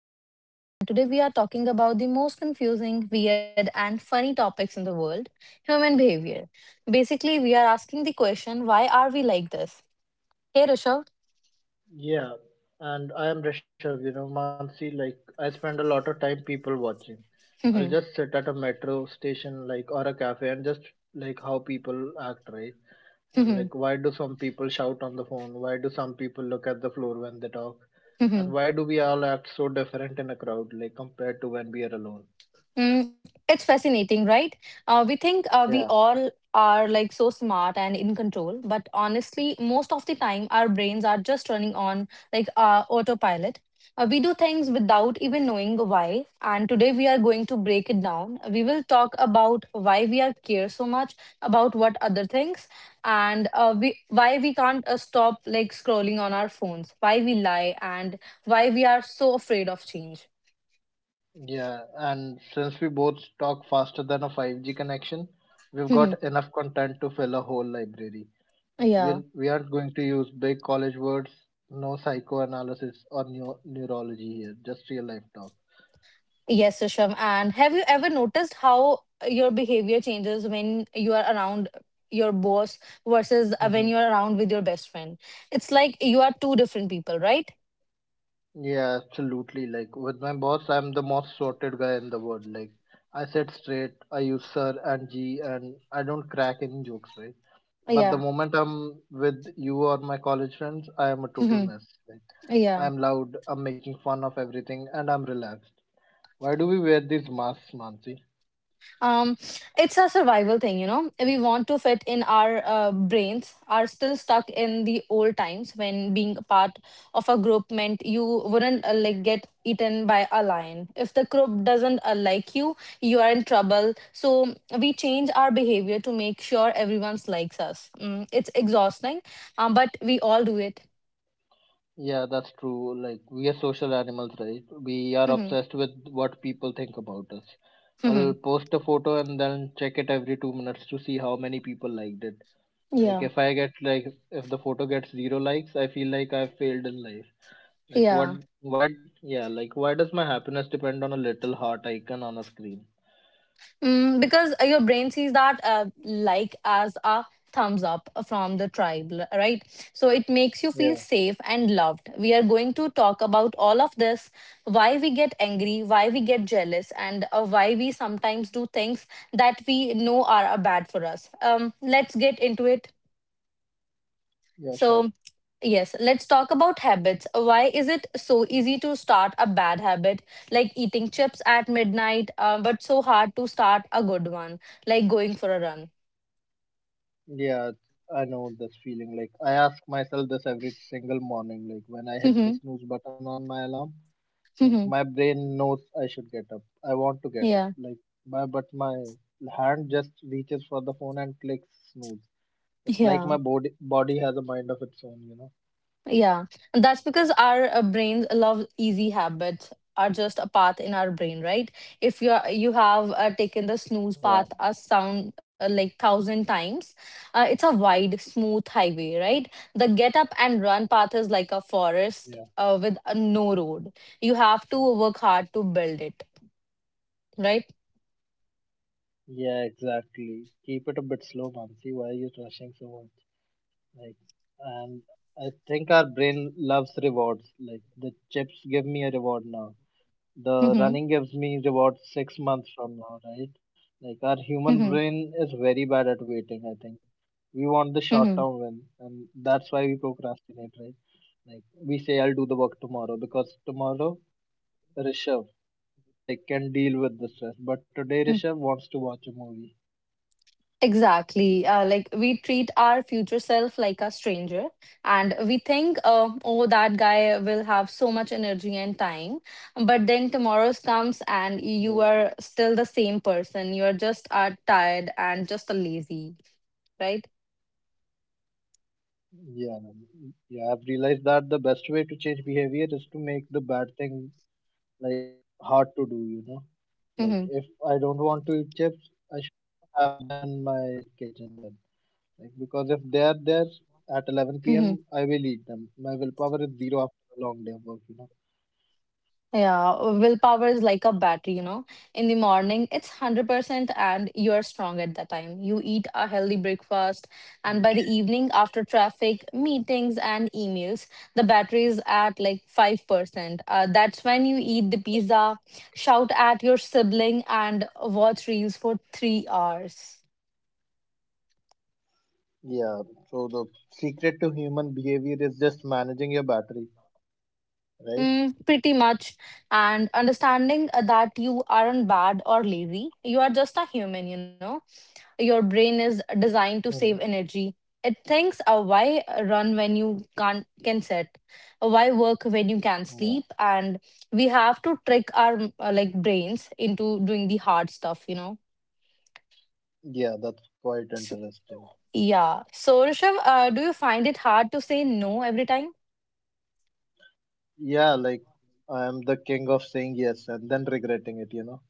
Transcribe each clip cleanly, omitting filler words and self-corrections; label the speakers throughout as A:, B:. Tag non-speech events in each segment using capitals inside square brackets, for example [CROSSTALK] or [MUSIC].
A: And I am Mansi, and today we are talking about the most confusing, weird, and funny topics in the world: human behavior. Basically, we are asking the question, why are we like this? Hey
B: Yeah, and I am Rishabh, you know, Mansi, like I spend a lot of time people watching. I'll just
A: Rishabh.
B: sit at a metro station like or a cafe and just like how people act, right? And like why do some people shout on the phone? Why do some people look at the floor when they talk? And why
A: [LAUGHS]
B: do we all act so different in a crowd, like compared to when we are alone?
A: Mm, it's fascinating, right? We think we
B: Yeah.
A: all are like so smart and in control, but honestly, most of the time, our brains are just running on like autopilot. We do things without even knowing why. And today, we are going to break it down. We will talk about why we are care so much about what other things, and we why we can't stop like scrolling on our phones, why we lie, and why we are so afraid of change.
B: Yeah, and since we both talk faster than a 5G connection, we've got
A: [LAUGHS]
B: enough content to fill a whole library.
A: Yeah.
B: We'll, we aren't going to use big college words, no psychoanalysis or neurology here, just real life talk.
A: Yes, Susham. And have you ever noticed how your behavior changes when you are around your boss versus when
B: Hmm.
A: you are around with your best friend? It's like you are two different people, right?
B: Yeah, absolutely. Like with my boss, I'm the most sorted guy in the world. Like I sit straight, I use sir and G, and I don't crack any jokes, right? But the
A: Yeah.
B: moment I'm with you or my college friends, I am a total
A: Hmm.
B: mess. Like
A: Yeah.
B: I'm loud, I'm making fun of everything, and I'm relaxed. Why do we wear these masks, Mansi?
A: Um, it's a survival thing, you know. We want to fit in, our brains are still stuck in the old times when being a part of a group meant you wouldn't like get eaten by a lion. If the group doesn't like you are in trouble. So we change our behavior to make sure everyone likes us. It's exhausting, but we all do it.
B: Yeah, that's true. Like, we are social animals, right? We are
A: Hmm.
B: obsessed with what people think about us. I'll
A: Hmm.
B: post a photo and then check it every 2 minutes to see how many people liked it. Like,
A: Yeah.
B: if I get, like, if the photo gets zero likes, I feel like I've failed in life. Like,
A: Yeah.
B: why, yeah, like, why does my happiness depend on a little heart icon on a screen?
A: Because your brain sees that like as a thumbs up from the tribe, right? So it makes you feel
B: Yeah,
A: safe and loved. We are going to talk about all of this: why we get angry, why we get jealous, and why we sometimes do things that we know are bad for us. Let's get into it. so,
B: yeah, sure.
A: yes, let's talk about habits. Why is it so easy to start a bad habit, like eating chips at midnight, but so hard to start a good one, like going for a run?
B: Yeah, I know this feeling. Like, I ask myself this every single
A: [LAUGHS] Mm-hmm.
B: morning, like, when I hit the snooze button on my alarm.
A: Mm-hmm.
B: Like my brain knows I should get up.
A: Yeah.
B: I want to get up. Like my but my hand just reaches for the phone and clicks snooze.
A: Yeah.
B: It's like my body has a mind of its
A: Yeah,
B: own, you know.
A: and that's because our brains love easy. Habits are just a path in our brain, right? If you are, you have taken the snooze
B: Yeah,
A: path a sound like thousand times, it's a wide, smooth highway, right? The get up and run path is like a
B: yeah,
A: forest with no road. You have to work hard to build it, right?
B: yeah, exactly. Keep it a bit slow, Mansi. Why are you rushing so much? Like, and I think our brain loves rewards. Like the chips give me a reward now. The
A: Mm-hmm.
B: running gives me reward 6 months from now, right? Like our human
A: Mm-hmm.
B: brain is very bad at waiting, I think. We want the short
A: Mm-hmm.
B: term win, and that's why we procrastinate, right? Like we say I'll do the work tomorrow because tomorrow Rishabh like can deal with the stress, but today
A: Mm-hmm.
B: Rishabh wants to watch a movie.
A: Exactly. Like we treat our future self like a stranger, and we think, oh, that guy will have so much energy and time. But then tomorrow's comes, and you
B: Yeah,
A: are still the same person. You are just are tired and just a lazy, right?
B: yeah, yeah, I've realized that the best way to change behavior is to make the bad thing like hard to do, you know. Like
A: Mm-hmm.
B: if I don't want to eat chips, I should have them in my kitchen then. Like because if they are there at 11 p.m., I
A: Mm-hmm.
B: will eat them. My willpower is zero after a long day of work, you know.
A: Yeah, willpower is like a battery, you know. In the morning, it's 100% and you're strong at that time. You eat a healthy breakfast, and by
B: Mm.
A: the evening, after traffic, meetings, and emails, the battery is at like 5%. That's when you eat the pizza, shout at your sibling, and watch reels for 3 hours.
B: Yeah, so the secret to human behavior is just managing your battery, right?
A: Mm, pretty much. And understanding that you aren't bad or lazy, you are just a human, you know, your brain is designed to
B: Hmm.
A: save energy. It thinks, why run when you can't can sit, why work when you can
B: Yeah,
A: sleep, and we have to trick our like brains into doing the hard stuff, you know.
B: yeah, that's quite
A: S-
B: interesting.
A: yeah. So Rishabh, do you find it hard to say no every time?
B: Yeah, like I am the king of saying yes and then regretting it, you know.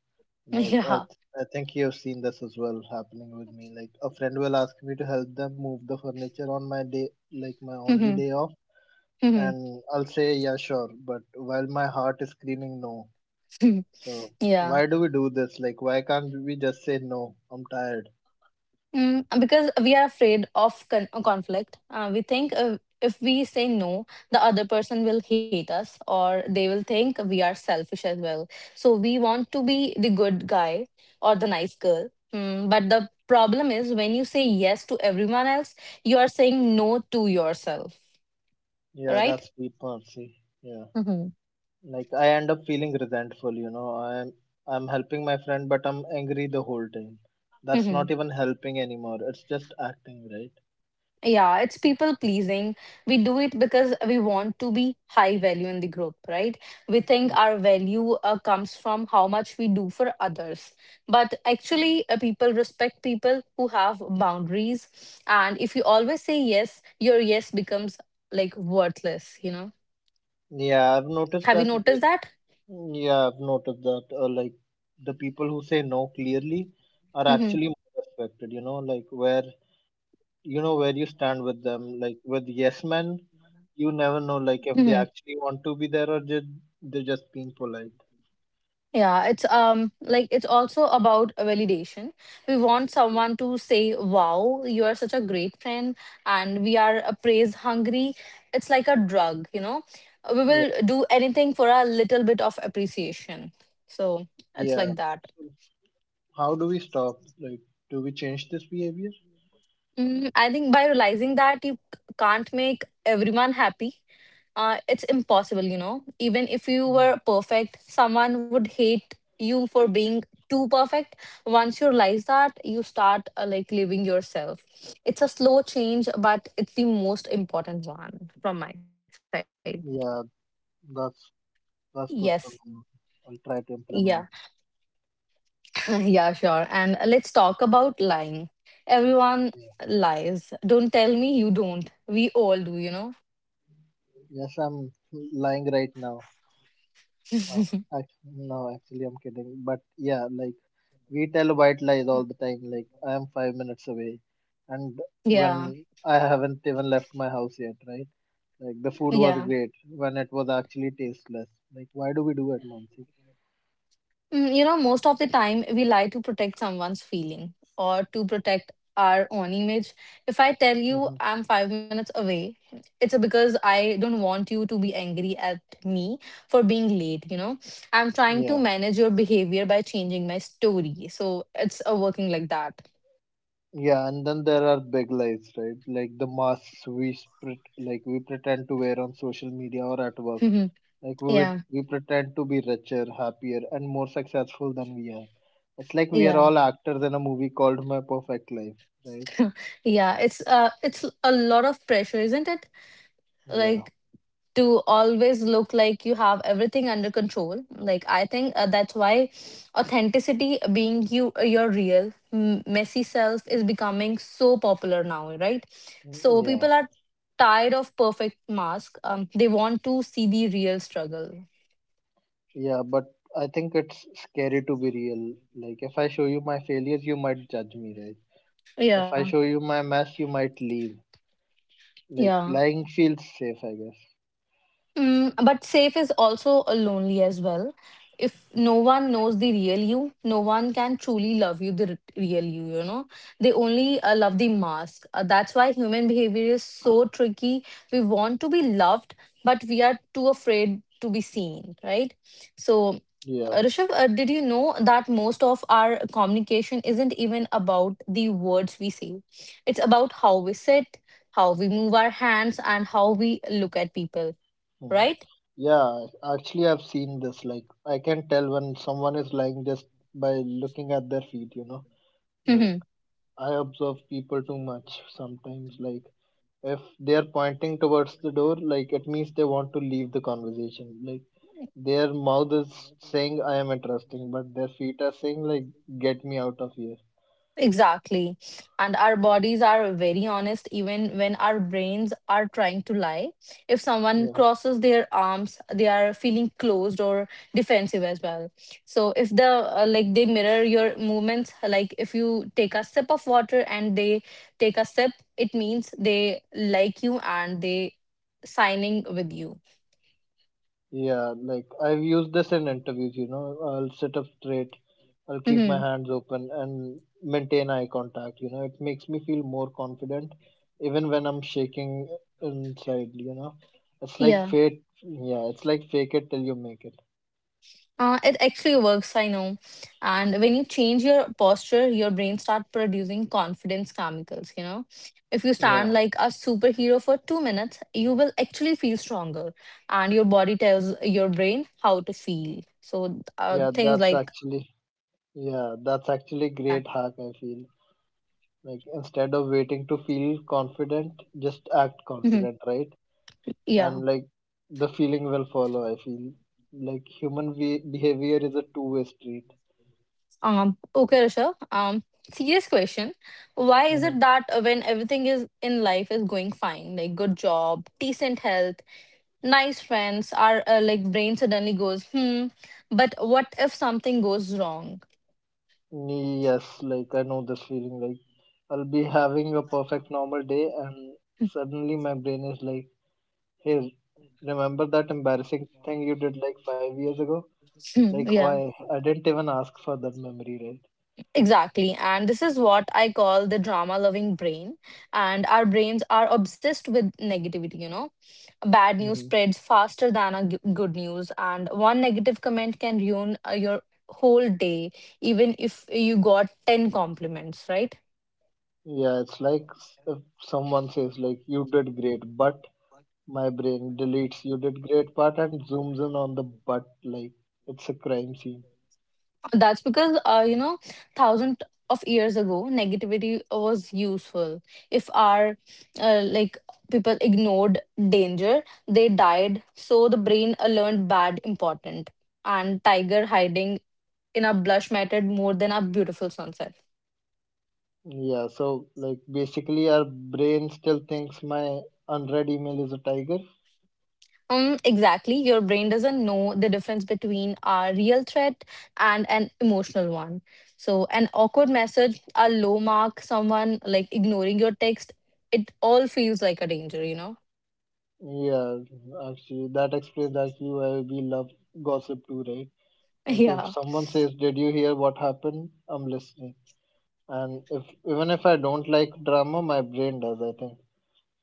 A: [LAUGHS]
B: Like
A: Yeah.
B: I think you've seen this as well happening with me. Like a friend will ask me to help them move the furniture on my day, like my
A: [LAUGHS]
B: only
A: Mhm.
B: day off,
A: Mhm.
B: and I'll say, yeah, sure, but while my heart is screaming no. So,
A: [LAUGHS] Yeah.
B: why do we do this? Like, why can't we just say no? I'm tired.
A: Because we are afraid of conflict. We think if we say no, the other person will hate us or they will think we are selfish as well. So we want to be the good guy or the nice girl. But the problem is when you say yes to everyone else, you are saying no to yourself,
B: Yeah,
A: right?
B: that's deep mercy. Yeah. Like, I end up feeling resentful, you know. I'm helping my friend, but I'm angry the whole time. That's
A: Mm-hmm.
B: not even helping anymore. It's just acting, right?
A: Yeah, it's people pleasing. We do it because we want to be high value in the group, right? We think our value comes from how much we do for others. But actually, people respect people who have boundaries. And if you always say yes, your yes becomes like worthless, you know?
B: Yeah, I've noticed
A: Have you
B: that.
A: noticed
B: Like,
A: that? [LAUGHS]
B: yeah, I've noticed that. Like, the people who say no clearly are
A: Mm-hmm.
B: actually more respected, you know, like where you know where you stand with them. Like with yes men, you never know like if they
A: Mm-hmm.
B: actually want to be there or just they're just being polite.
A: Yeah, it's like it's also about a validation. We want someone to say, "Wow, you are such a great friend," and we are a praise hungry. It's like a drug, you know. We
B: Yeah,
A: will do anything for a little bit of appreciation. So it's
B: yeah.
A: like that.
B: So how do we stop? Like, do we change this behavior?
A: I think by realizing that you can't make everyone happy, it's impossible, you know. Even if you
B: Yeah,
A: were perfect, someone would hate you for being too perfect. Once you realize that, you start like living yourself. It's a slow change, but it's the most important one from my side.
B: yeah. That's
A: Yes.
B: that's good to know. I'll try to
A: Yeah.
B: implement.
A: [LAUGHS] Yeah, sure. And let's talk about lying. Everyone
B: Yeah.
A: lies. Don't tell me you don't. We all do, you know?
B: Yes, I'm lying right now. Oh, no, actually, I'm kidding. But yeah, like we tell white lies all the time, like I am 5 minutes away, and
A: Yeah.
B: when I haven't even left my house yet, right? Like the food was
A: Yeah.
B: great when it was actually tasteless. Like why do we do it, Mansi?
A: Mm, you know, most of the time we lie to protect someone's feeling or to protect our own image. If I tell you
B: Hmm.
A: I'm 5 minutes away, it's because I don't want you to be angry at me for being late. You know, I'm trying
B: Yeah,
A: to manage your behavior by changing my story. So it's working like that.
B: yeah, and then there are big lies, right? Like the masks we spread, like we pretend to wear on social media or at work.
A: [LAUGHS]
B: Like we would-
A: Yeah,
B: we pretend to be richer, happier, and more successful than we are. It's like we are
A: yeah,
B: all actors in a movie called My Perfect Life, right?
A: [LAUGHS] yeah. It's a lot of pressure, isn't it?
B: Yeah.
A: Like to always look like you have everything under control. Like I think that's why authenticity, being you, your real messy self, is becoming so popular now, right?
B: Mm,
A: So
B: yeah.
A: people are tired of perfect mask. They want to see the real struggle.
B: Yeah, but I think it's scary to be real. Like, if I show you my failures, you might judge me, right? If I
A: Yeah,
B: show you my mess, you might leave. Like,
A: yeah.
B: lying feels safe, I guess.
A: But safe is also a lonely as well. If no one knows the real you, no one can truly love you, the real you, you know. They only love the mask. That's why human behavior is so tricky. We want to be loved, but we are too afraid to be seen, right? So,
B: Yeah.
A: Rishabh, did you know that most of our communication isn't even about the words we say? It's about how we sit, how we move our hands, and how we look at people,
B: Mhm.
A: right?
B: Yeah, actually, I've seen this. Like, I can tell when someone is lying just by looking at their feet, you know? Like,
A: Hmm.
B: I observe people too much sometimes. Like, if they are pointing towards the door, like, it means they want to leave the conversation. Like, their mouth is saying I am interesting, but their feet are saying like get me out of here.
A: Exactly. And our bodies are very honest even when our brains are trying to lie. If someone
B: Yeah.
A: crosses their arms, they are feeling closed or defensive as well. So if the like they mirror your movements, like if you take a sip of water and they take a sip, it means they like you and they signing with you.
B: Yeah, like I've used this in interviews, you know. I'll sit up straight, I'll keep my
A: Hmm.
B: hands open and maintain eye contact, you know. It makes me feel more confident even when I'm shaking inside, you know. It's like
A: Yeah.
B: fate yeah, it's like fake it till you make it.
A: It actually works, I know. And when you change your posture, your brain starts producing confidence chemicals, you know. If you stand
B: Yeah.
A: like a superhero for 2 minutes, you will actually feel stronger. And your body tells your brain how to feel. So
B: Yeah,
A: things
B: that's
A: like,
B: actually yeah,
A: yeah.
B: that's actually great hack I feel. Like instead of waiting to feel confident, just act
A: Hmm.
B: confident, right?
A: Yeah.
B: And like the feeling will follow, I feel. Like human behavior is a two-way street.
A: Okay, Risha. Serious question. Why is
B: Mhm.
A: it that when everything is in life is going fine, like good job, decent health, nice friends, our like brain suddenly goes, hmm, but what if something goes wrong?
B: Yes, like I know this feeling. Like I'll be having a perfect normal day, and
A: [CLEARS THROAT]
B: suddenly my brain is like, "Hey, remember that embarrassing thing you did like 5 years ago?
A: Hmm,
B: Like
A: yeah,
B: why? I didn't even ask for that memory, right?"
A: exactly. And this is what I call the drama loving brain. And our brains are obsessed with negativity, you know. Bad news
B: Hmm.
A: spreads faster than a good news, and one negative comment can ruin your whole day, even if you got 10 compliments, right?
B: Yeah, it's like if someone says like, "You did great," but my brain deletes you did great part and zooms in on the butt like it's a crime scene.
A: That's because, you know, thousand of years ago, negativity was useful. If our like people ignored danger, they died. So the brain learned bad important. And tiger hiding in a blush mattered more than a beautiful sunset.
B: Yeah, so like basically our brain still thinks my unread email is a tiger.
A: Exactly. Your brain doesn't know the difference between a real threat and an emotional one. So, an awkward message, a low mark, someone like ignoring your text, it all feels like a danger, you know?
B: Yeah, actually that explains actually why we love gossip too, right?
A: [LAUGHS]
B: Like if
A: Yeah.
B: someone says, "Did you hear what happened?" I'm listening, and if even if I don't like drama, my brain does, I think.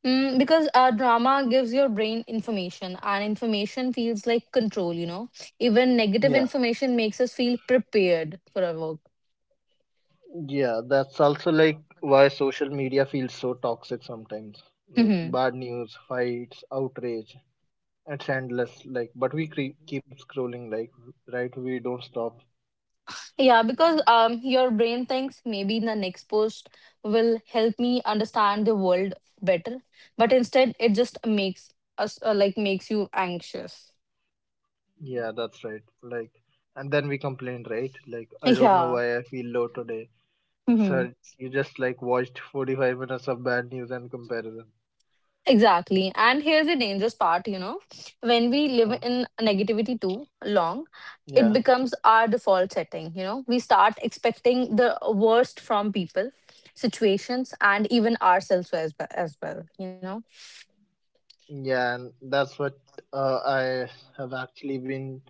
A: Because drama gives your brain information, and information feels like control, you know? Even negative
B: Yeah.
A: information makes us feel prepared for our work.
B: Yeah, that's also like why social media feels so toxic sometimes. Like
A: [LAUGHS]
B: bad news, fights, outrage, it's endless. Like, but we keep scrolling, like, right? We don't stop.
A: Yeah, because your brain thinks maybe the next post will help me understand the world better, but instead it just makes us like makes you anxious.
B: Yeah, that's right. Like, and then we complain, right? Like, I
A: [LAUGHS]
B: don't know
A: Yeah.
B: why I feel low today.
A: Hmm.
B: Sir, you just like watched 45 minutes of bad news and comparison.
A: Exactly. And here's the dangerous part, you know, when we live
B: Hmm.
A: in negativity too long, it
B: Yeah.
A: becomes our default setting, you know. We start expecting the worst from people, situations, and even ourselves as well, as well, you know.
B: Yeah, and that's what I have actually been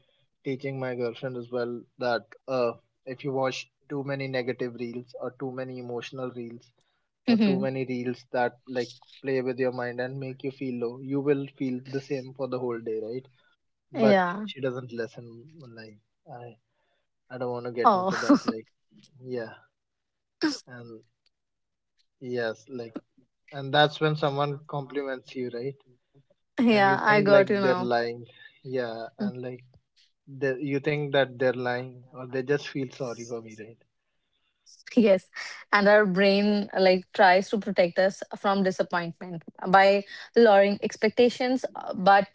B: teaching my girlfriend as well that if you watch too many negative reels or too many emotional reels or too
A: Hmm.
B: many reels that like play with your mind and make you feel low, you will feel the same for the whole day, right? But
A: Yeah.
B: she doesn't listen. Like I, I don't want to get
A: Oh.
B: into that.
A: [LAUGHS]
B: Like yeah, and yes, like and that's when someone compliments you, right? And you
A: Yeah, I
B: think like
A: got you
B: they're
A: now.
B: lying, yeah,
A: Mm.
B: and like you think that they're lying or they just feel sorry for me, right?
A: Yes. And our brain like tries to protect us from disappointment by lowering expectations, but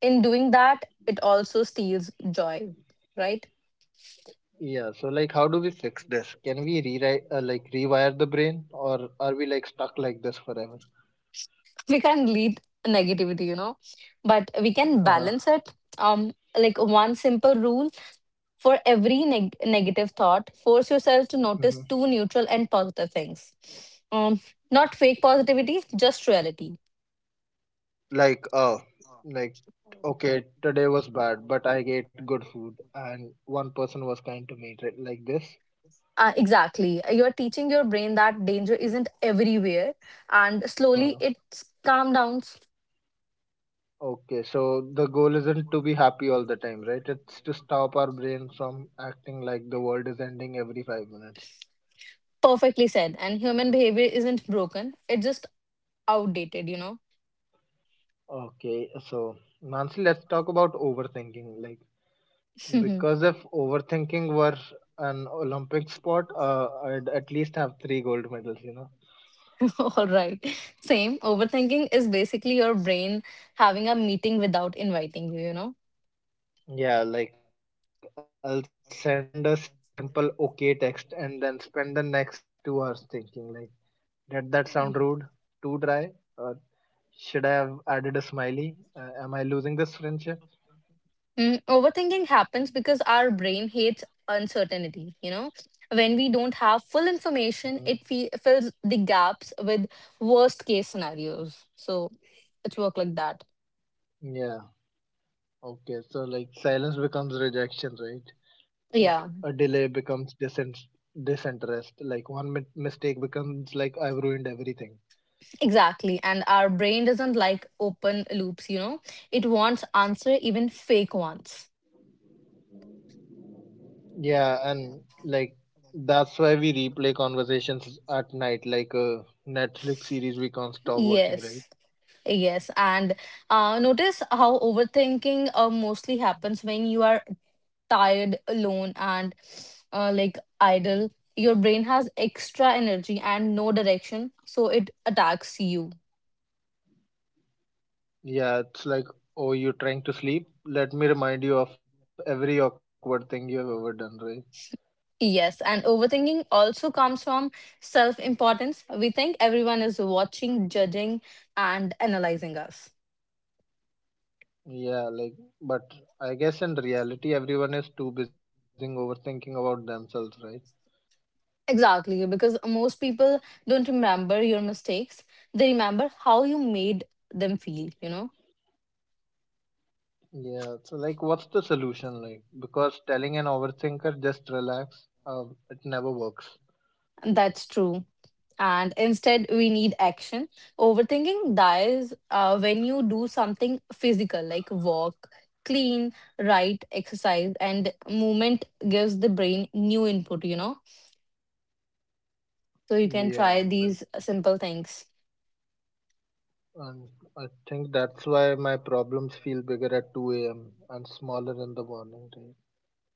A: in doing that, it also steals joy, right?
B: Yeah, so like how do we fix this? Can we rewrite like rewire the brain, or are we like stuck like this forever?
A: We can lead negativity, you know, but we can
B: uh,
A: balance it. Like one simple rule: for every negative thought, force yourself to
B: hmm
A: notice two neutral and positive things. Um, Not fake positivity, just reality.
B: like like okay, today was bad but I ate good food and one person was kind to me, right? Like this.
A: Exactly. You're teaching your brain that danger isn't everywhere, and slowly
B: Uh-huh.
A: it's calm down.
B: Okay, so the goal isn't to be happy all the time, right? It's to stop our brain from acting like the world is ending every 5 minutes.
A: Perfectly said. And human behavior isn't broken, it's just outdated, you know?
B: Okay, so Nancy, let's talk about overthinking. Like,
A: [LAUGHS]
B: because if overthinking were an Olympic sport, I'd at least have three gold medals, you know?
A: All right. Same. Overthinking is basically your brain having a meeting without inviting you, you
B: Yeah, like I'll send a simple okay text and then spend the next 2 hours thinking, like, did that sound rude? Too dry?
A: know?
B: Or should I have added a smiley? Am I losing this friendship?
A: Overthinking happens because our brain hates uncertainty, you know? When we don't have full
B: Mhm.
A: information, it fills the gaps with worst case scenarios. So it's work like that.
B: Yeah, okay. So, like, silence becomes rejection, right? Like,
A: Yeah,
B: a delay becomes disinterest. Like, one mi mistake becomes like, I've ruined everything.
A: exactly. And our brain doesn't like open loops, you know? It wants answer, even fake ones.
B: Yeah, and like, that's why we replay conversations at night, like a Netflix series we can't stop watching, right?
A: Yes. Yes, and notice how overthinking mostly happens when you are tired, alone, and like idle, your brain has extra energy and no direction, so it attacks you.
B: Yeah, it's like, oh, you're trying to sleep? Let me remind you of every awkward thing you've ever done, right?
A: Yes, and overthinking also comes from self importance. We think everyone is watching, judging, and analyzing us.
B: Yeah, like, but I guess in reality, everyone is too busy overthinking about themselves, right?
A: Exactly, because most people don't remember your mistakes, they remember how you made them feel.
B: Yeah, so like, what's the solution like? Because telling an overthinker just relax, it never works.
A: That's true. And instead, we need action. Overthinking dies when you do something physical like walk, clean, write, exercise, and movement gives the brain new input, you know? So you can
B: Yeah,
A: try
B: like,
A: these simple things.
B: and I think that's why my problems feel bigger at 2 a.m. and smaller in the morning time.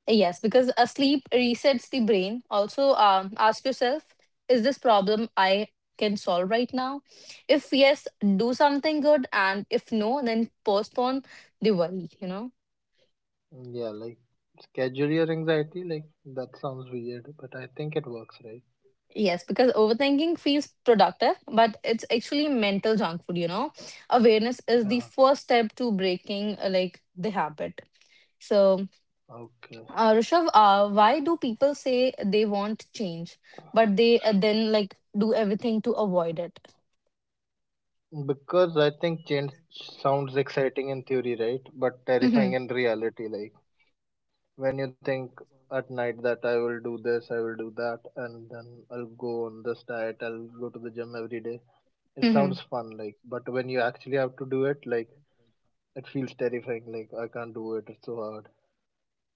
A: Yes, because a sleep resets the brain. Also, ask yourself, is this problem I can solve right now? If yes, do something good. And if no, then postpone the worry, you know?
B: Yeah, like, schedule your anxiety, like, that sounds weird, but I think it works, right?
A: Yes, because overthinking feels productive, but it's actually mental junk food, you know. Awareness is the
B: Yeah,
A: first step to breaking like the habit. So,
B: okay.
A: Rishabh, why do people say they want change, but they then like do everything to avoid it?
B: Because I think change sounds exciting in theory, right? But
A: Mm-hmm.
B: terrifying in reality. Like when you think at night that I will do this, I will do that, and then I'll go on this diet, I'll go to the gym every day. It sounds fun,
A: Mm-hmm.
B: like, but when you actually have to do it, like, it feels terrifying. Like, I can't do it, it's so hard.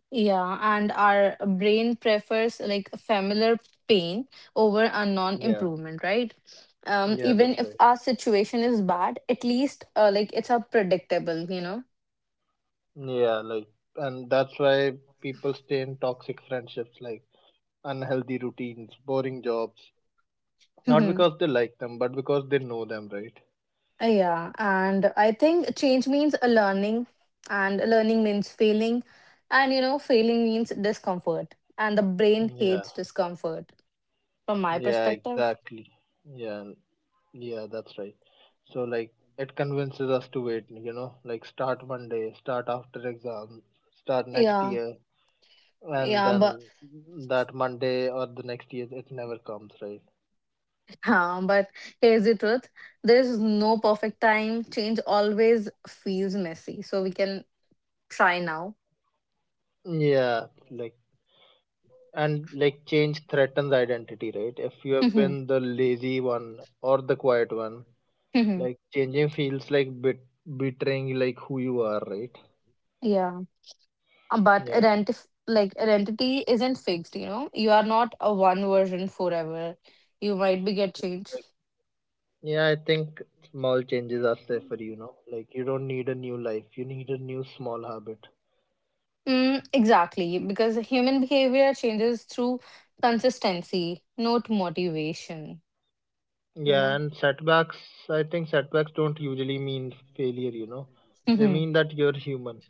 A: Yeah, and our brain prefers like familiar pain over a
B: Yeah,
A: non-improvement, right?
B: yeah,
A: Even
B: that's
A: if
B: right.
A: our situation is bad, at least like it's a predictable, you know.
B: Yeah, like, and that's why people stay in toxic friendships, like unhealthy routines, boring jobs, not
A: Mhm.
B: because they like them, but because they know them, right?
A: Yeah, and I think change means a learning, and learning means failing, and you know, failing means discomfort, and the brain
B: Yeah,
A: hates discomfort from my
B: yeah,
A: perspective.
B: exactly. Yeah, yeah, that's right. So, like, it convinces us to wait, like, start one day, start after exam, start next
A: Yeah,
B: year, and
A: yeah, but
B: then that Monday or the next year, it never comes, right?
A: yeah, but here's the truth: there's no perfect time. Change always feels messy, so we can try now.
B: Yeah, like, and like, change threatens identity, right? If you have
A: Mm-hmm.
B: been the lazy one or the quiet one,
A: Mm-hmm.
B: like, changing feels like bit betraying like who you are, right?
A: Yeah. But
B: Yeah.
A: identity, like identity isn't fixed. You know, you are not a one version forever, you might be get change.
B: Like, yeah, I think small changes are safer, Like you don't need a new life, you need a new small habit.
A: Exactly, because human behavior changes through consistency, not motivation, you
B: Yeah,
A: know?
B: and setbacks, I think setbacks don't usually mean failure, They
A: Hmm.
B: mean that you're human.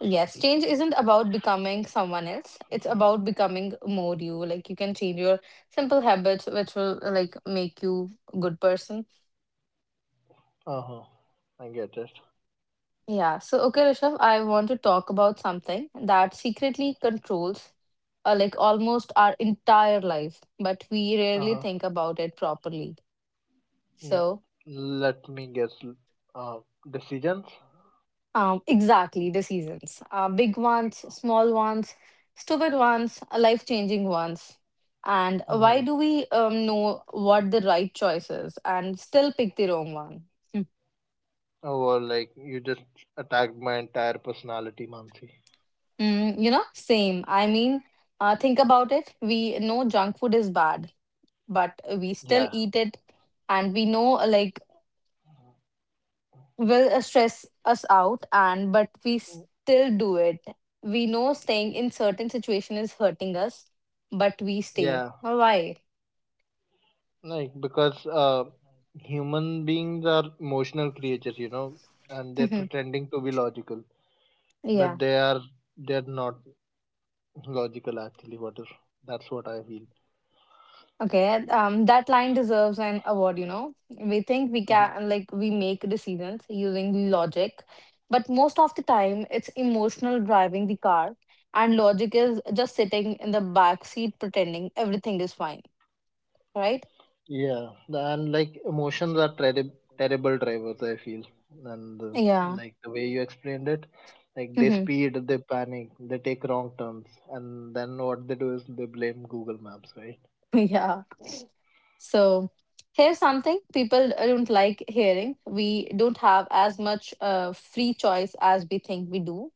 A: Yes, change isn't about becoming someone else. It's about becoming more you. Like you can change your simple habits, which will like make you a good person.
B: Uh-huh. I get it.
A: Yeah. So okay, Rishabh, I want to talk about something that secretly controls, like almost our entire life, but we rarely
B: Uh-huh.
A: think about it properly.
B: Mm,
A: So,
B: Let me guess. Uh, Decisions?
A: exactly, the seasons. Big ones, small ones, stupid ones, life changing ones. And
B: Mm-hmm.
A: why do we know what the right choice is and still pick the wrong one? Mm.
B: Or like you just attacked my entire personality, Mansi.
A: You know, same. I mean, think about it. We know junk food is bad, but we still
B: Yeah.
A: eat it. And we know, like, will stress us out and but we
B: Mm.
A: still do it, we know staying in certain situation is hurting us but we stay.
B: Yeah.
A: Well, why?
B: Like because human beings are emotional creatures, and they're
A: [LAUGHS]
B: pretending to be logical,
A: Yeah,
B: but they're not logical actually. What is That's what I feel.
A: okay, that line deserves an award, you know. we think we
B: Mhm.
A: can like we make decisions using logic, but most of the time it's emotional driving the car and logic is just sitting in the back seat pretending everything is fine, right?
B: Yeah, and like emotions are terrible drivers, I feel. And
A: Yeah.
B: like the way you explained it, like they
A: [LAUGHS]
B: speed, they panic, they take wrong turns, and then what they do is they blame Google Maps, right?
A: Yeah. So here's something people don't like hearing. We don't have as much free choice as we think we do,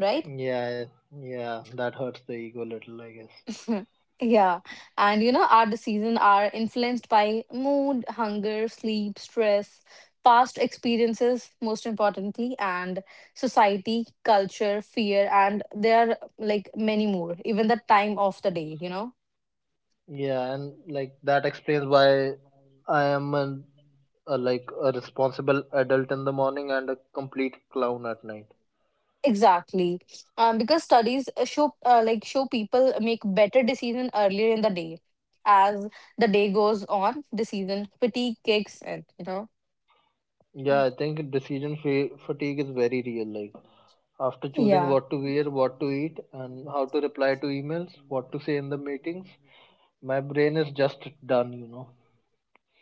A: right?
B: Yeah, yeah, that hurts the ego a little, I guess.
A: [LAUGHS] Yeah. And you know, our decisions are influenced by mood, hunger, sleep, stress, past experiences, most importantly, and society, culture, fear, and there are like many more, even the time of the day, you know?
B: Yeah, and like that explains why I am an, a like a responsible adult in the morning and a complete clown at night.
A: Exactly, because studies show people make better decision earlier in the day. As the day goes on, decision fatigue kicks in. You know.
B: Yeah, I think decision fatigue is very real. Like after choosing
A: Yeah,
B: what to wear, what to eat, and how to reply to emails, what to say in the meetings, my brain is just done,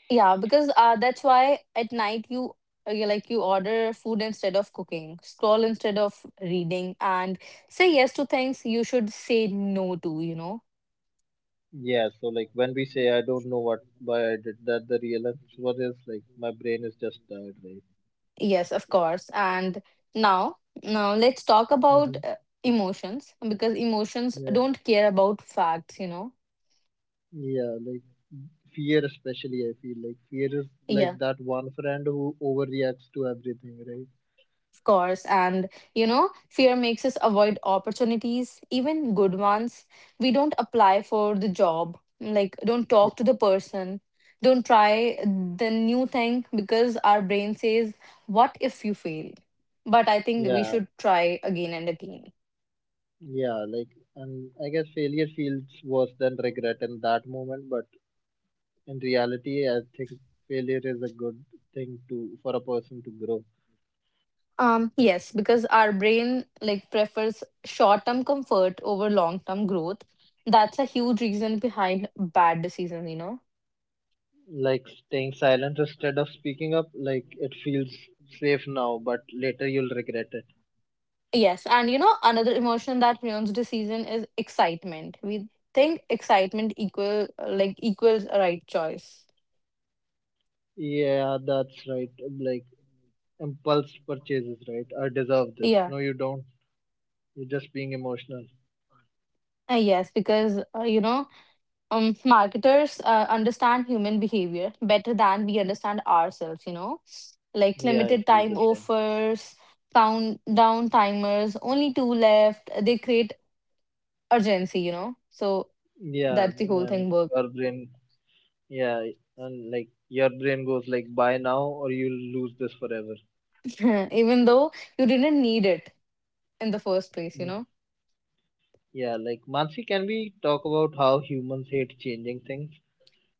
A: yeah, because that's why at night you you order food instead of cooking, scroll instead of reading, and say yes to things you should say no to. You know.
B: Yeah, so like when we say I don't know what why I did that, the real answer is like my brain is just tired, right?
A: Yes, of course. And now, now let's talk about
B: Mm-hmm.
A: emotions because emotions
B: Yeah,
A: don't care about facts, you know.
B: yeah, like, fear especially I feel like fear is like
A: Yeah,
B: that one friend who overreacts to everything, right?
A: of course. And, you know, fear makes us avoid opportunities, even good ones. We don't apply for the job, like, don't talk to the person, don't try the new thing because our brain says, what if you fail? But I think we
B: Yeah,
A: should try again and again.
B: yeah, like, and I guess failure feels worse than regret in that moment, but in reality, I think failure is a good thing to for a person to grow.
A: Yes, because our brain like prefers short-term comfort over long-term growth. That's a huge reason behind bad decisions, you know.
B: Like staying silent instead of speaking up, like it feels safe now, but later you'll regret it.
A: Yes, and you know, another emotion that ruins decision is excitement. We think excitement equals a right choice.
B: Yeah, that's right. Like impulse purchases, right? I deserve this,
A: Yeah.
B: no you don't, you're just being emotional.
A: Yes, because you know, marketers understand human behavior better than we understand ourselves, you know, like
B: Yeah, I
A: limited
B: feel
A: time
B: the same.
A: offers, countdown timers, only two left, they create urgency, you know, so
B: Yeah,
A: that's the whole
B: and
A: thing work.
B: your brain, yeah, and like your brain goes like buy now or you'll lose this forever.
A: [LAUGHS] Even though you didn't need it in the first place, you
B: Mm.
A: know.
B: Yeah, like Mansi, can we talk about how humans hate changing things?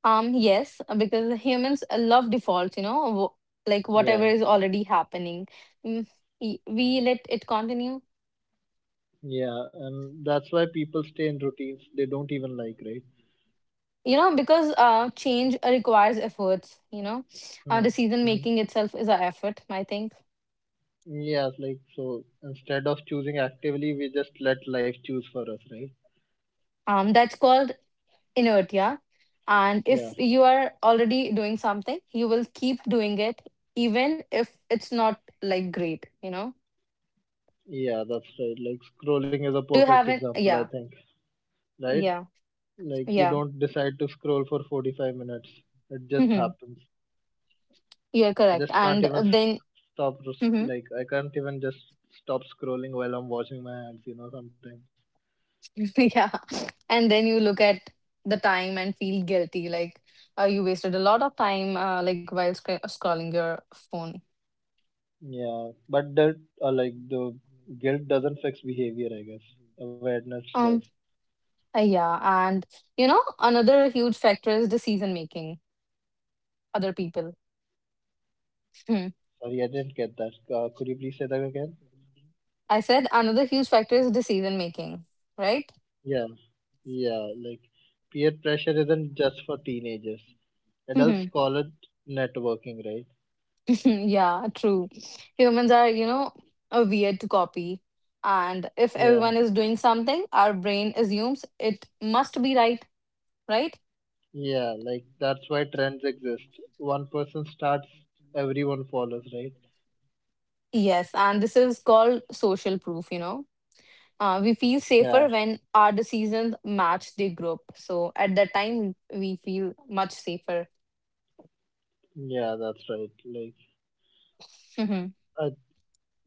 A: Yes, because humans love defaults, you know, like
B: Yeah,
A: whatever is already happening. Mm, we let it continue,
B: yeah, and that's why people stay in routines they don't even like, right?
A: you know, because change requires efforts, you know.
B: Mm.
A: Decision
B: Mm-hmm.
A: making itself is an effort, I think.
B: Yeah, like so instead of choosing actively, we just let life choose for us, right?
A: That's called inertia, and
B: Yeah,
A: if you are already doing something you will keep doing it, even if it's not like great, you know.
B: yeah, that's right. Like scrolling is a
A: Do you have
B: perfect
A: an,
B: example, I
A: yeah,
B: think, right?
A: yeah,
B: Like you
A: yeah.
B: don't decide to scroll for 45 minutes. It just
A: Hmm.
B: happens.
A: You're
B: I
A: correct.
B: just can't
A: And
B: even s-
A: then.
B: stop to sc-
A: Mhm.
B: like I can't even just stop scrolling while I'm washing my hands, sometimes.
A: [LAUGHS] Yeah, and then you look at the time and feel guilty like you wasted a lot of time like while scrolling your phone.
B: Yeah, but that like the guilt doesn't fix behavior, I guess. Awareness does.
A: Um, yeah, and you know, another huge factor is decision making. Other people. Hmm.
B: Sorry, I didn't get that. Could you please say that again?
A: I said another huge factor is decision making, right?
B: Yeah, yeah. Like peer pressure isn't just for teenagers. Adults
A: Mhm.
B: call it networking, right?
A: [LAUGHS] Yeah, true. Humans are, you know, a weird to copy. And if everyone
B: Yeah.
A: is doing something, our brain assumes it must be right, right?
B: Yeah, like that's why trends exist. One person starts, everyone follows, right?
A: Yes, and this is called social proof, you know. We feel
B: Yeah,
A: safer when our decisions match the group. So at that time, we feel much safer.
B: yeah, that's right. Like,
A: [LAUGHS]
B: uh,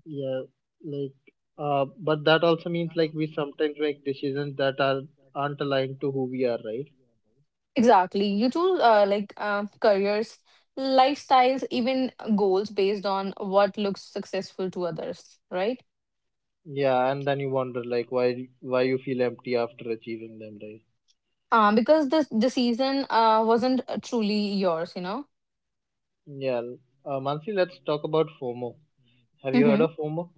B: yeah, like, but that also means like we sometimes make decisions that aren't aligned to who we are, right?
A: Exactly. You choose careers, lifestyles, even goals based on what looks successful to others, right?
B: Yeah, and then you wonder like why you feel empty after achieving them, right?
A: Because this decision wasn't truly yours, you know.
B: Yeah, Mansi, let's talk about FOMO. Have you heard
A: Mm-hmm.
B: of FOMO?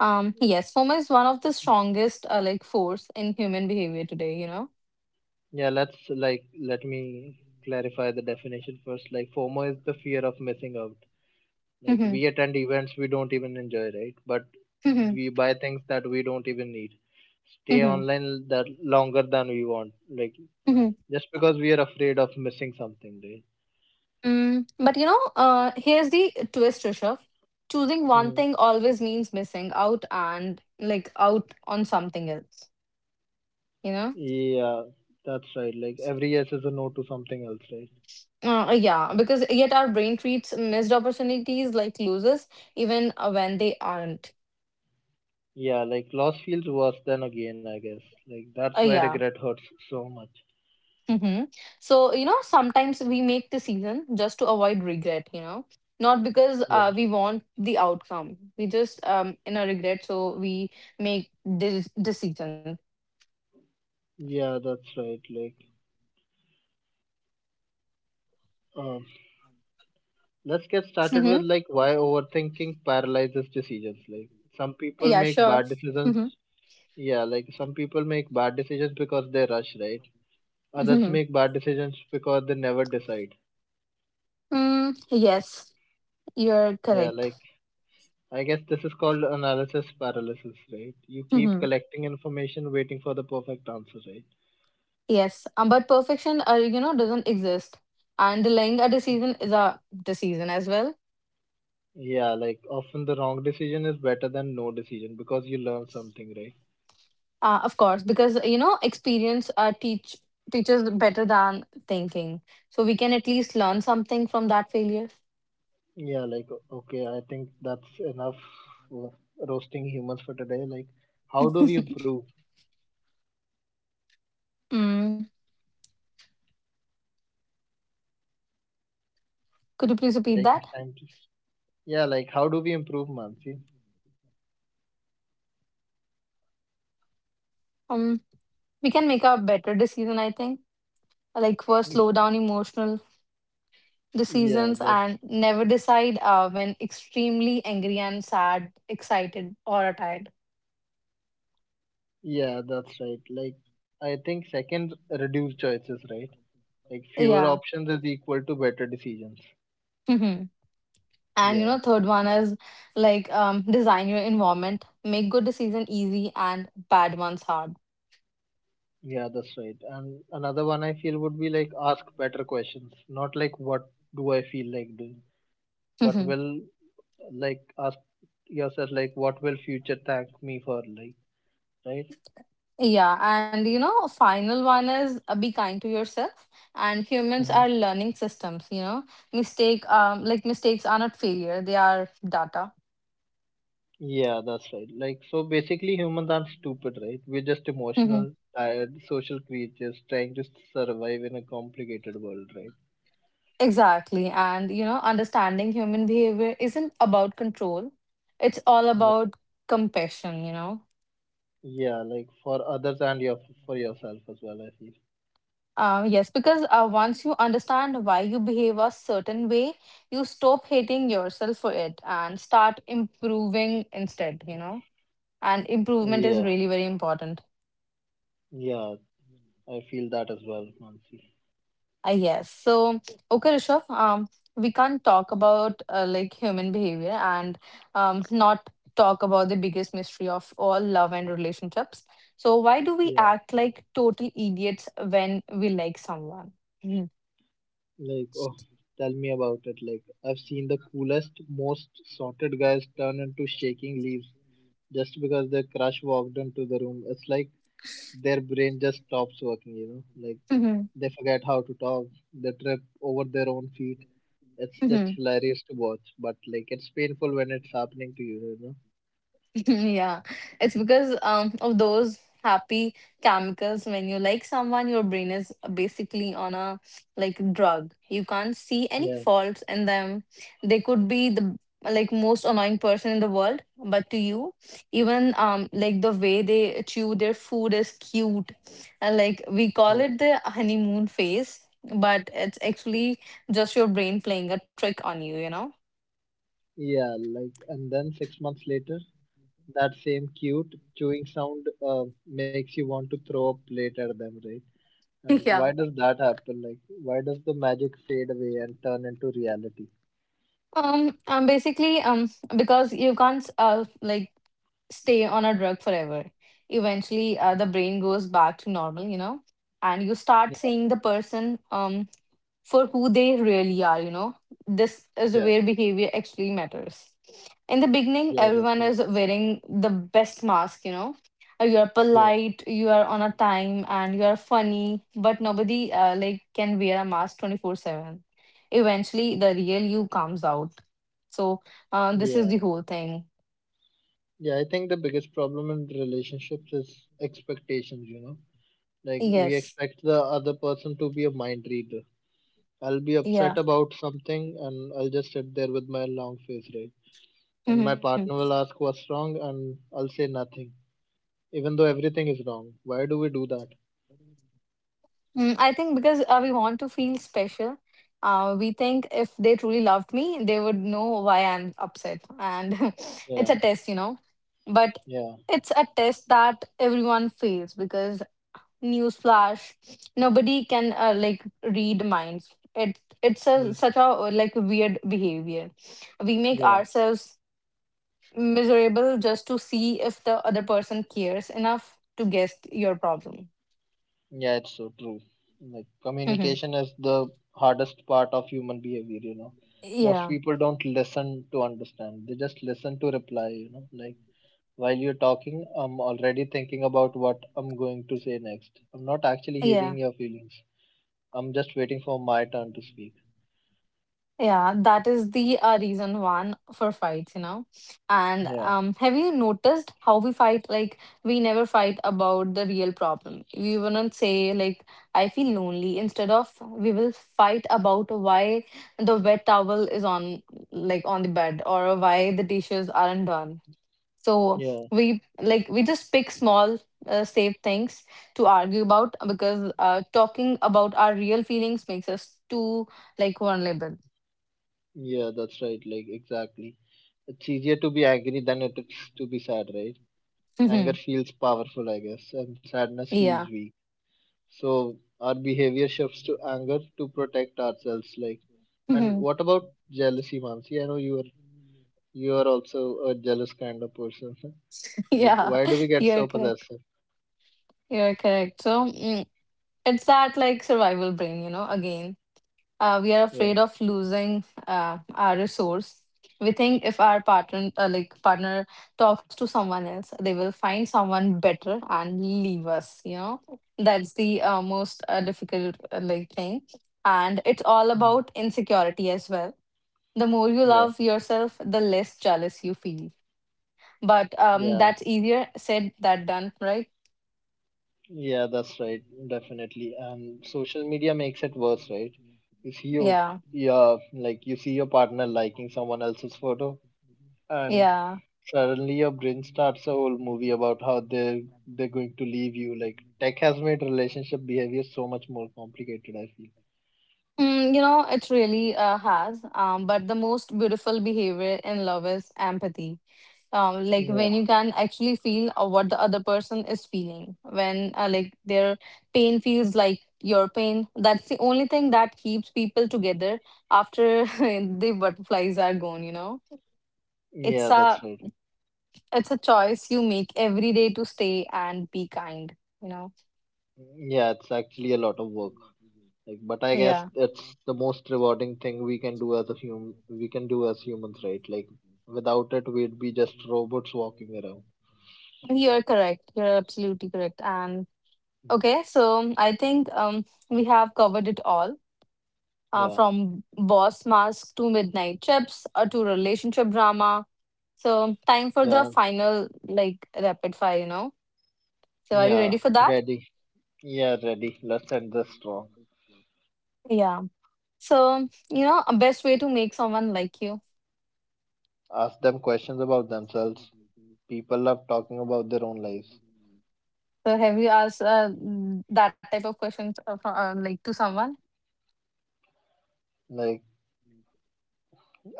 A: Yes, FOMO is one of the strongest like force in human behavior today, you know.
B: Yeah, let me clarify the definition first. Like FOMO is the fear of missing out. Like
A: Mm-hmm.
B: we attend events we don't even enjoy, right? But
A: Mm-hmm.
B: we buy things that we don't even need. Stay
A: Mm-hmm.
B: online that longer than we want. Like
A: Mm-hmm.
B: just because we are afraid of missing something, right?
A: But you know, here's the twist, Rishabh. Choosing one
B: Hmm.
A: thing always means missing out and like out on something else, you know.
B: Yeah, that's right. Like every yes is a no to something else, right?
A: Yeah, because yet our brain treats missed opportunities like losers, even when they aren't.
B: Yeah, like loss feels worse than a gain, I guess. Like that's why
A: Yeah.
B: regret hurts so much.
A: Mm-hmm. So, you know, sometimes we make the season just to avoid regret, you know, not because
B: Yeah.
A: we want the outcome. We just, in a regret, so we make this decision.
B: Yeah, that's right. Like, um, let's get started with
A: Mm-hmm.
B: like why overthinking paralyzes decisions. Like, some people
A: Yeah,
B: make
A: sure.
B: bad
A: Mm-hmm.
B: decisions. Yeah, like some people make bad decisions because they rush, right? Others
A: Mm-hmm.
B: make bad decisions because they never decide.
A: Mm, yes, you're
B: Yeah,
A: correct.
B: like I guess this is called analysis paralysis, right? You keep
A: [LAUGHS]
B: collecting information waiting for the perfect answer, right?
A: Yes, but perfection, you know, doesn't exist, and delaying a decision is a decision as well.
B: Yeah, like often the wrong decision is better than no decision because you learn something, right?
A: Of course, because you know, experience teaches better than thinking, so we can at least learn something from that failure.
B: Yeah, like okay, I think that's enough for roasting humans for today. Like, how do we improve?
A: Mm. Could you please repeat
B: Taking
A: that?
B: time to yeah, like, how do we improve, Mansi?
A: Um, we can make a better decision, I think. Like first, slow
B: [LAUGHS]
A: down emotional
B: Yeah,
A: decisions
B: that's
A: and never decide when extremely angry and sad, excited, or tired.
B: Yeah, that's right. Like, I think second, reduce choices, right? Like, fewer
A: Yeah.
B: options is equal to better decisions.
A: [LAUGHS] And you
B: Yeah,
A: know, third one is like design your environment, make good decision easy and bad ones hard.
B: yeah, that's right. And another one I feel would be like ask better questions, not like what do I feel like doing, but
A: Mhm.
B: will like ask yourself like what will future thank me for, like, right?
A: Yeah, and you know, final one is be kind to yourself. And humans
B: Hmm.
A: are learning systems. You know, mistakes are not failure; they are data.
B: Yeah, that's right. Like, so basically, humans aren't stupid, right? We're just
A: Mhm.
B: emotional, tired, social creatures trying to survive in a complicated world, right?
A: Exactly, and you know, understanding human behavior isn't about control; it's all about compassion. You know.
B: Yeah, like for others and your for yourself as well, I feel.
A: Yes, because once you understand why you behave a certain way, you stop hating yourself for it and start improving instead, you know. And improvement is
B: Yeah,
A: really very important.
B: yeah, I feel that as well, Mansi.
A: Yes. So, okay, Rishabh, we can't talk about like human behavior and not talk about the biggest mystery of all, love and relationships. So, why do we
B: Yeah,
A: act like total idiots when we like someone? Hmm.
B: like oh, tell me about it. Like I've seen the coolest, most sorted guys turn into shaking leaves just because their crush walked into the room. It's like their brain just stops working, you know? Like
A: Hmm.
B: they forget how to talk, they trip over their own feet. It's just hilarious to watch, but like it's painful when it's happening to you, you know?
A: [LAUGHS] Yeah, it's because of those happy chemicals. When you like someone, your brain is basically on a like drug, you can't see any
B: Yeah,
A: faults in them. They could be the like most annoying person in the world, but to you, even like the way they chew their food is cute, and like we
B: yeah.
A: call it the honeymoon phase, but it's actually just your brain playing a trick on you, you know.
B: Yeah, like, and then 6 months later, that same cute chewing sound makes you want to throw a plate at them, right?
A: [LAUGHS]
B: And
A: Yeah.
B: why does that happen? Like, why does the magic fade away and turn into reality?
A: Basically, because you can't like stay on a drug forever. Eventually, the brain goes back to normal, you know, and you
B: Yeah,
A: start seeing the person for who they really are, you know. This is
B: yeah,
A: where behavior actually matters. In the beginning,
B: yeah, that's
A: everyone
B: right.
A: is wearing the best mask, you know. You are
B: Yeah,
A: polite, you are on a time, and you are funny, but nobody can wear a mask 24/7. Eventually, the real you comes out. So, this is the
B: yeah,
A: whole thing.
B: yeah. I think the biggest problem in relationships is expectations, like we
A: Yes.
B: expect the other person to be a mind reader. I'll be
A: Yeah.
B: upset about something and I'll just sit there with my long face, right? And my
A: Mhm.
B: partner will ask what's wrong, and I'll say nothing, even though everything is wrong. Why do we do that?
A: I think because we want to feel special. We think if they truly loved me, they would know why I'm upset. And [LAUGHS] it's
B: Yeah,
A: a test, you know. But
B: yeah,
A: it's a test that everyone fails because newsflash, nobody can read minds. It's
B: yeah,
A: a such a weird behavior. We make
B: yeah,
A: ourselves miserable just to see if the other person cares enough to guess your problem.
B: yeah. It's so true. Like
A: Mhm.
B: communication is the hardest part of human behavior. Most
A: Yeah.
B: people don't listen to understand. They just listen to reply. Like while you're talking, I'm already thinking about what I'm going to say next. I'm not actually
A: Yeah,
B: hearing your feelings. I'm just waiting for my turn to speak.
A: yeah, that is the reason one for fights, you know. And
B: Yeah,
A: have you noticed how we fight? Like, we never fight about the real problem. We wouldn't say like, "I feel lonely." Instead of, we will fight about why the wet towel is on, like, on the bed, or why the dishes aren't done. So
B: yeah,
A: we just pick small, safe things to argue about because talking about our real feelings makes us too like vulnerable.
B: yeah. That's right. Like exactly. It's easier to be angry than it is to be sad, right?
A: Hmm.
B: Anger feels powerful, I guess, and sadness
A: Yeah.
B: feels weak. So our behavior shifts to anger to protect ourselves. Like, and
A: Hmm.
B: what about jealousy, Mansi? I know you are also a jealous kind of person. [LAUGHS]
A: [LAUGHS]
B: Like,
A: Yeah.
B: why do we
A: [LAUGHS]
B: get
A: You're
B: so
A: correct.
B: possessive?
A: You're correct. So it's that like survival brain, you know, again. We are
B: Yeah.
A: afraid of losing our resource. We think if our partner, talks to someone else, they will find someone better and leave us. You know, that's the most difficult thing, and it's all
B: Mm.
A: about insecurity as well. The more you
B: Yeah,
A: love yourself, the less jealous you feel but
B: yeah,
A: that's easier said than done, right?
B: yeah. That's right, definitely. And social media makes it worse, right? You see your
A: Yeah,
B: yeah, like you see your partner liking someone else's photo, and
A: yeah.
B: suddenly your brain starts a whole movie about how they're going to leave you. Like tech has made relationship behavior so much more complicated, I feel.
A: You know, it really has. But the most beautiful behavior in love is empathy. Like,
B: Yeah.
A: when you can actually feel what the other person is feeling, when their pain feels like your pain, that's the only thing that keeps people together after [LAUGHS] the butterflies are gone, you know. It's
B: Yeah,
A: a,
B: that's right.
A: it's a choice you make every day to stay and be kind, you know.
B: Yeah, it's actually a lot of work. Like, but I guess
A: Yeah.
B: it's the most rewarding thing we can do as humans, right? Like without it we'd be just robots walking around.
A: You're correct. You're absolutely correct. And okay, so I think we have covered it all.
B: Yeah,
A: From boss mask to midnight chips to relationship drama. So, time for the
B: yeah,
A: final like rapid fire, you know. So, are you
B: yeah.
A: ready for that?
B: Ready. Yeah, ready. Let's end this strong.
A: Yeah. So, you know, a best way to make someone like you.
B: Ask them questions about themselves. People love talking about their own lives.
A: So, have you asked that type of questions to someone?
B: Like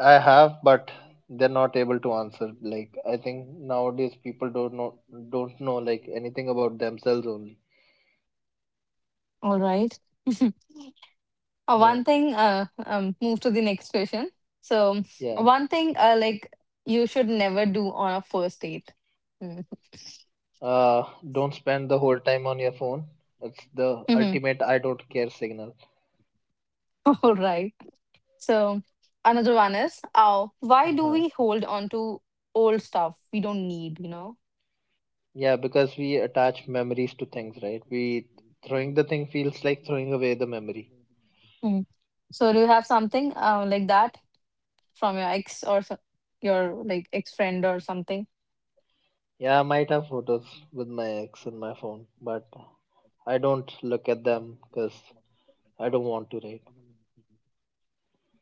B: I have, but they're not able to answer. Like I think nowadays people don't know like anything about themselves only.
A: All right. [LAUGHS]
B: Yeah,
A: One thing, move to the next question. So,
B: yeah.
A: one thing, you should never do on a first date.
B: Don't spend the whole time on your phone. It's the
A: Mm-hmm.
B: ultimate I don't care signal.
A: [LAUGHS] All right. So, another one is, why do
B: uh
A: we hold on to old stuff we don't need? You know.
B: Yeah, because we attach memories to things, right? We throwing the thing feels like throwing away the memory.
A: Mm. So, do you have something that from your ex or your like ex friend or something?
B: Yeah, I might have photos with my ex in my phone, but I don't look at them because I don't want to, right?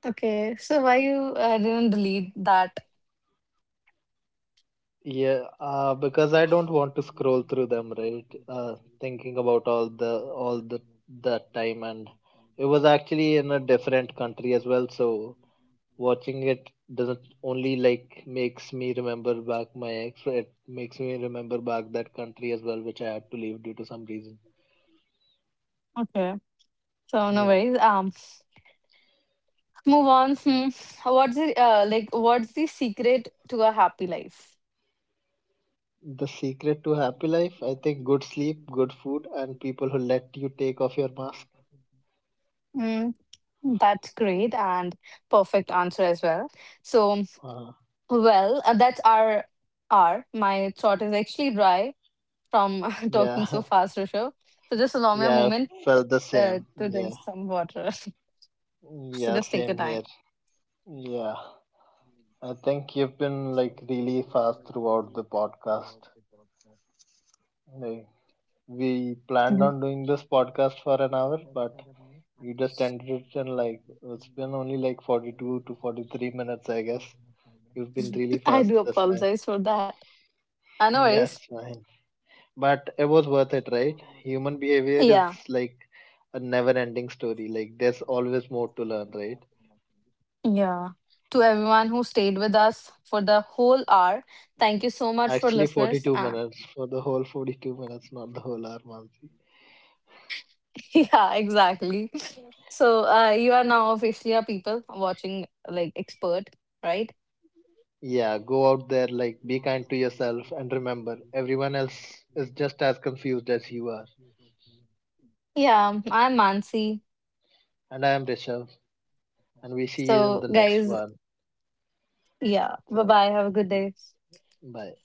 A: Okay. So, why you didn't delete that?
B: Yeah, because I don't want to scroll through them, right? Thinking about all the that time, and it was actually in a different country as well. So watching it doesn't only like makes me remember back my ex, it makes me remember back that country as well, which I had to leave due to some reason.
A: Okay. So, no
B: Yeah,
A: worries. Move on. Hmm. What's the secret to a happy life?
B: the secret to happy life, I think, good sleep, good food, and people who let you take off your mask.
A: Hmm. That's great and perfect answer as well. So,
B: Uh,
A: well, that's our my throat is actually dry from [LAUGHS] talking
B: yeah,
A: so fast, Rishabh. So, just
B: [LAUGHS]
A: allow me a
B: yeah,
A: moment
B: I felt the
A: to
B: same.
A: drink some
B: Yeah.
A: water. [LAUGHS] so, just take
B: Yeah,
A: your time.
B: same here. Yeah, I think you've been like really fast throughout the podcast. Like, we
A: Mhm.
B: planned on doing this podcast for an hour, but you just ended it in like it's been only like 42 to 43 minutes, I guess. You've been really
A: [LAUGHS] I
B: fast
A: do
B: this time. [LAUGHS]
A: apologize for that. No worries.
B: Yes, fine. But it was worth it, right? Human behavior is
A: Yeah.
B: like a never ending story. Like, there's always more to learn, right?
A: Yeah. To everyone who stayed with us for the whole hour, thank you so much for
B: Actually,
A: listeners.
B: 42 minutes for the whole 42 minutes, not the whole hour, month.
A: [LAUGHS] Yeah, exactly. So, you are now officially a people watching like expert, right?
B: Yeah, go out there, like, be kind to yourself, and remember, everyone else is just as confused as you are.
A: Yeah, I'm Mansi.
B: And I am Rishabh, and we see you
A: So,
B: in the next
A: guys,
B: one.
A: yeah, bye
B: So,
A: bye. Have a good day.
B: bye.